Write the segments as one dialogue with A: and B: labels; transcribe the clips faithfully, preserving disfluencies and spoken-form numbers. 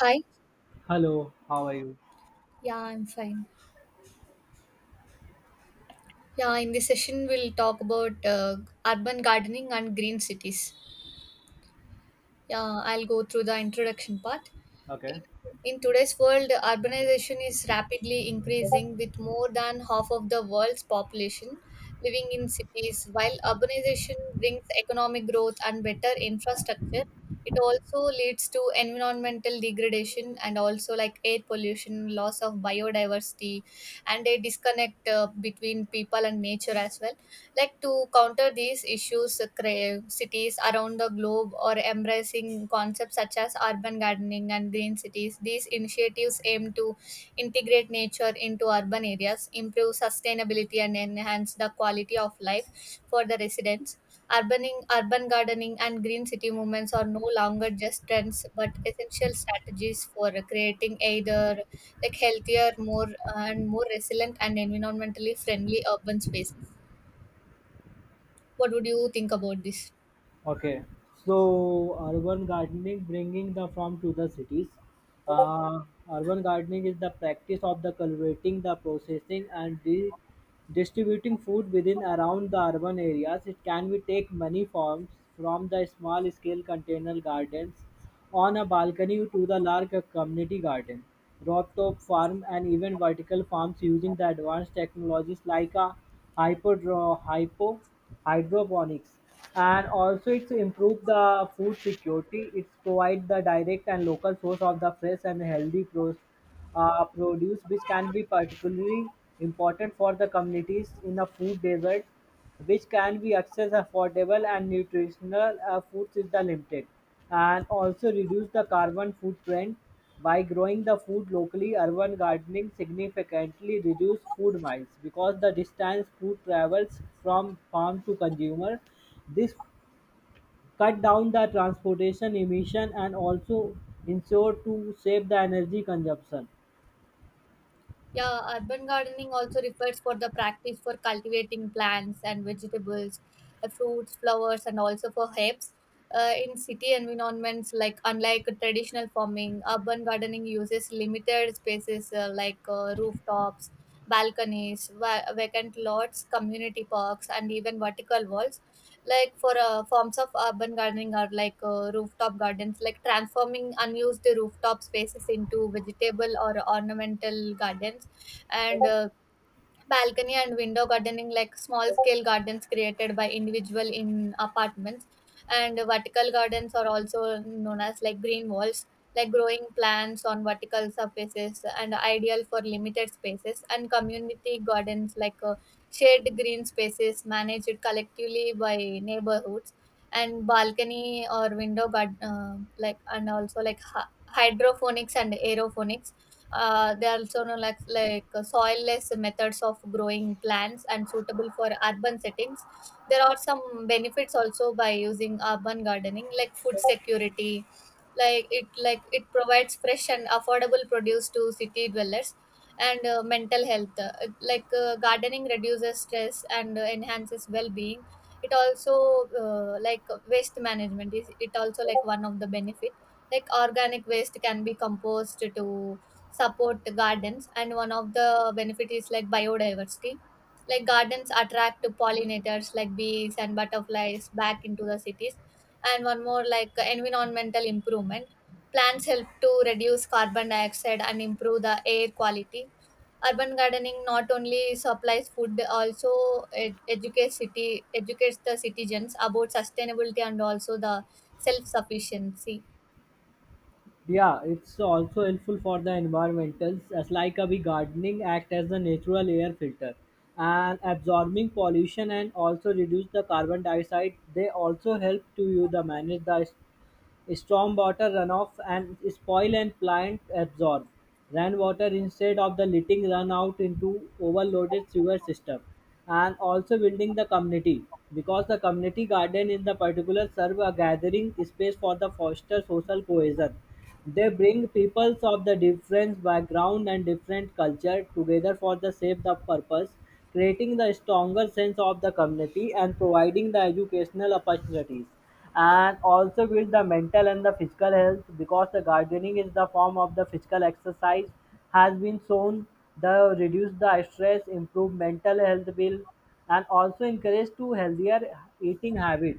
A: Hi.
B: Hello, how are you?
A: Yeah, I'm fine. Yeah, in this session, we'll talk about uh, urban gardening and green cities. Yeah, I'll go through the introduction part.
B: Okay.
A: In, in today's world, urbanization is rapidly increasing with more than half of the world's population living in cities. While urbanization brings economic growth and better infrastructure, it also leads to environmental degradation and also like air pollution, loss of biodiversity, and a disconnect uh, between people and nature as well like to counter these issues, uh, cra- cities around the globe are embracing concepts such as urban gardening and green cities. These initiatives aim to integrate nature into urban areas, improve sustainability, and enhance the quality of life for the residents. Urbaning, urban gardening and green city movements are no longer just trends but essential strategies for creating either like healthier more and more resilient and environmentally friendly urban spaces. What would you think about this?
B: Okay, so urban gardening bringing the farm to the cities. Uh, Urban gardening is the practice of the cultivating, the processing, and di- distributing food within around the urban areas. It can be take many forms from the small scale container gardens on a balcony to the large community garden, rooftop farm, and even vertical farms using the advanced technologies like a hyperdro- hypo hydroponics, and also it's improved the food security. It's provide the direct and local source of the fresh and healthy pro- uh, produce, which can be particularly important for the communities in a food desert, which can be accessed affordable and nutritional uh, foods is the limited, and also reduce the carbon footprint by growing the food locally. Urban gardening significantly reduce food miles because the distance food travels from farm to consumer, this cut down the transportation emission and also ensure to save the energy consumption.
A: Yeah, urban gardening also refers for the practice for cultivating plants and vegetables, uh, fruits, flowers, and also for herbs. Uh, in city environments, like unlike traditional farming, urban gardening uses limited spaces uh, like uh, rooftops, balconies, va- vacant lots, community parks, and even vertical walls like for uh, forms of urban gardening or like uh, rooftop gardens like transforming unused rooftop spaces into vegetable or ornamental gardens and uh, balcony and window gardening, like small scale gardens created by individual in apartments, and vertical gardens are also known as like green walls, like growing plants on vertical surfaces and ideal for limited spaces, and community gardens like uh, shared green spaces managed collectively by neighborhoods and balcony or window garden uh, like and also like hy- hydroponics and aeroponics. Uh, there are also no like, like uh, soilless methods of growing plants and suitable for urban settings. There are some benefits also by using urban gardening, like food security. Like it, like it provides fresh and affordable produce to city dwellers, and uh, mental health. Uh, like uh, gardening reduces stress and uh, enhances well-being. It also uh, like waste management is it also like one of the benefit like organic waste can be composed to support gardens, and one of the benefit is like biodiversity like gardens attract pollinators like bees and butterflies back into the cities, and one more like environmental improvement, plants help to reduce carbon dioxide and improve the air quality. Urban gardening not only supplies food, also it educates city educates the citizens about sustainability and also the self sufficiency.
B: Yeah, it's also helpful for the environmentals, as like a big gardening act as a natural air filter and absorbing pollution and also reduce the carbon dioxide. They also help to you the manage the stormwater runoff and spoil, and plant absorb rainwater instead of the letting run out into overloaded sewer system, and also building the community because the community garden in the particular serve a gathering space for the foster social cohesion. They bring peoples of the different background and different culture together for the save the purpose, creating the stronger sense of the community and providing the educational opportunities, and also build the mental and the physical health because the gardening is the form of the physical exercise has been shown the reduce the stress improve mental health bill, and also encourage to healthier eating habit.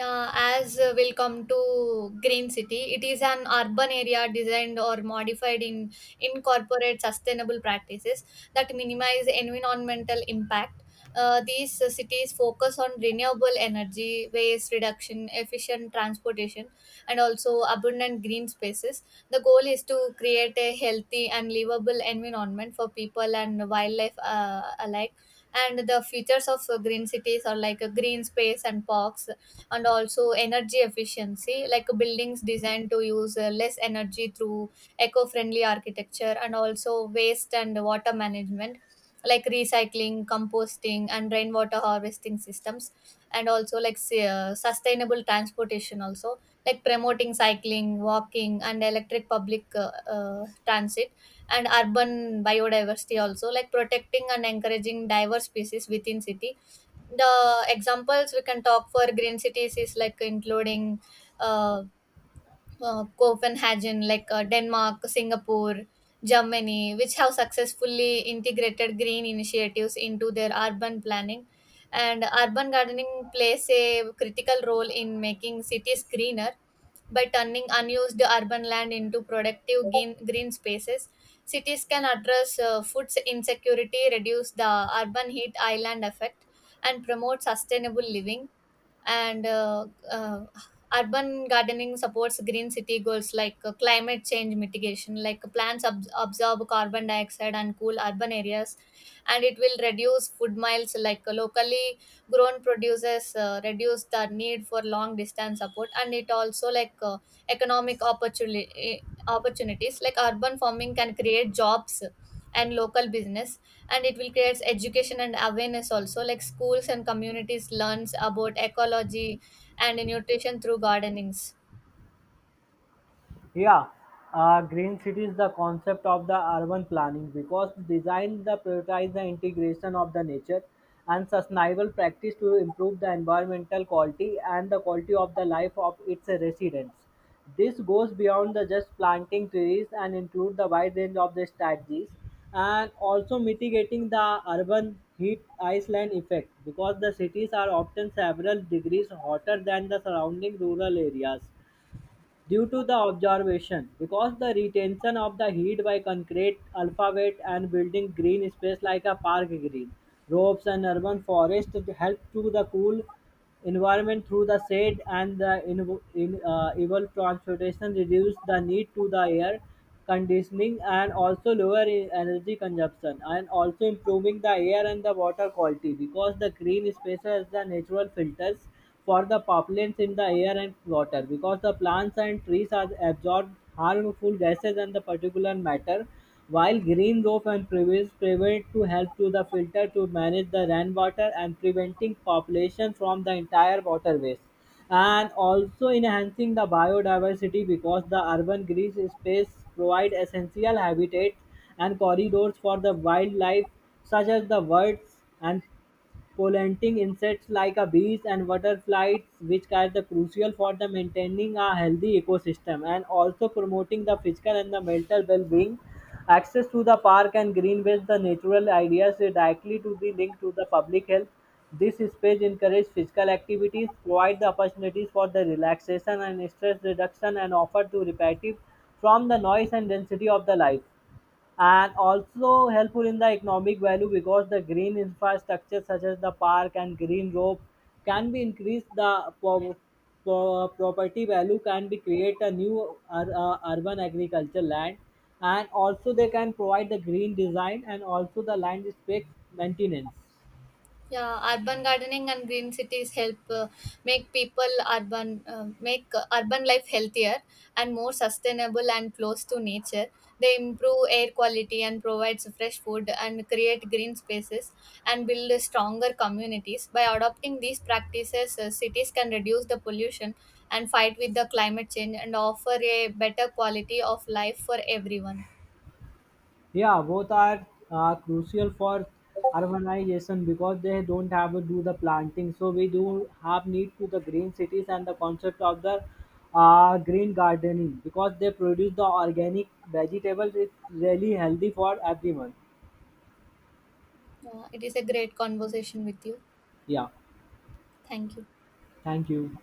A: Uh, as uh, Will come to Green City, it is an urban area designed or modified in incorporate sustainable practices that minimize environmental impact. Uh, these uh, Cities focus on renewable energy, waste reduction, efficient transportation, and also abundant green spaces. The goal is to create a healthy and livable environment for people and wildlife uh, alike. And the features of uh, green cities are like a green space and parks, and also energy efficiency like buildings designed to use uh, less energy through eco-friendly architecture, and also waste and water management like recycling composting and rainwater harvesting systems, and also like s- uh, sustainable transportation also like promoting cycling walking and electric public uh, uh, transit, and urban biodiversity also like protecting and encouraging diverse species within city. The examples we can talk for green cities is like including uh, uh, Copenhagen, like uh, Denmark, Singapore, Germany, which have successfully integrated green initiatives into their urban planning. And urban gardening plays a critical role in making cities greener by turning unused urban land into productive green, green spaces. Cities can address uh, food insecurity, reduce the urban heat island effect, and promote sustainable living, and uh, uh, urban gardening supports green city goals like uh, climate change mitigation like plants ab- absorb carbon dioxide and cool urban areas, and it will reduce food miles like uh, locally grown produces uh, reduce the need for long distance support, and it also like uh, economic opportunity opportunities like urban farming can create jobs and local business, and it will create education and awareness also like schools and communities learns about ecology and nutrition through gardenings.
B: Yeah, uh, green city is the concept of the urban planning because design the prioritize the integration of the nature and sustainable practice to improve the environmental quality and the quality of the life of its residents. This goes beyond the just planting trees and include the wide range of the strategies, and also mitigating the urban heat island effect because the cities are often several degrees hotter than the surrounding rural areas due to the observation because the retention of the heat by concrete alphabet and building green space like a park, green ropes, and urban forest help to the cool environment through the shade and the in, in uh, evil transportation reduce the need to the air conditioning and also lower e- energy consumption, and also improving the air and the water quality because the green spaces the natural filters for the pollens in the air and water. Because the plants and trees are absorbed harmful gases and the particulate matter, while green roof and previous prevent to help to the filter to manage the rainwater and preventing population from the entire waterways, and also enhancing the biodiversity because the urban green space provide essential habitats and corridors for the wildlife such as the birds and pollinating insects like a bees and butterflies, which are the crucial for the maintaining a healthy ecosystem, and also promoting the physical and the mental well-being. Access to the park and greenways, the natural areas are directly to be linked to the public health. This space encourages physical activities, provide the opportunities for the relaxation and stress reduction, and offer to repetitive from the noise and density of the life, and also helpful in the economic value because the green infrastructure such as the park and green rope can be increased the pro- pro- property value, can be create a new ur- uh, urban agriculture land, and also they can provide the green design and also the land spec maintenance.
A: Yeah, urban gardening and green cities help uh, make people urban uh, make uh, urban life healthier and more sustainable and close to nature. They improve air quality and provides fresh food and create green spaces and build stronger communities. By adopting these practices, uh, cities can reduce the pollution and fight with the climate change and offer a better quality of life for everyone.
B: Yeah, both are uh, crucial for urbanization because they don't have to do the planting. So we do have need to the green cities and the concept of the uh, green gardening because they produce the organic vegetables. It's really healthy for everyone.
A: Yeah, it is a great conversation with you.
B: Yeah,
A: Thank you.
B: thank you.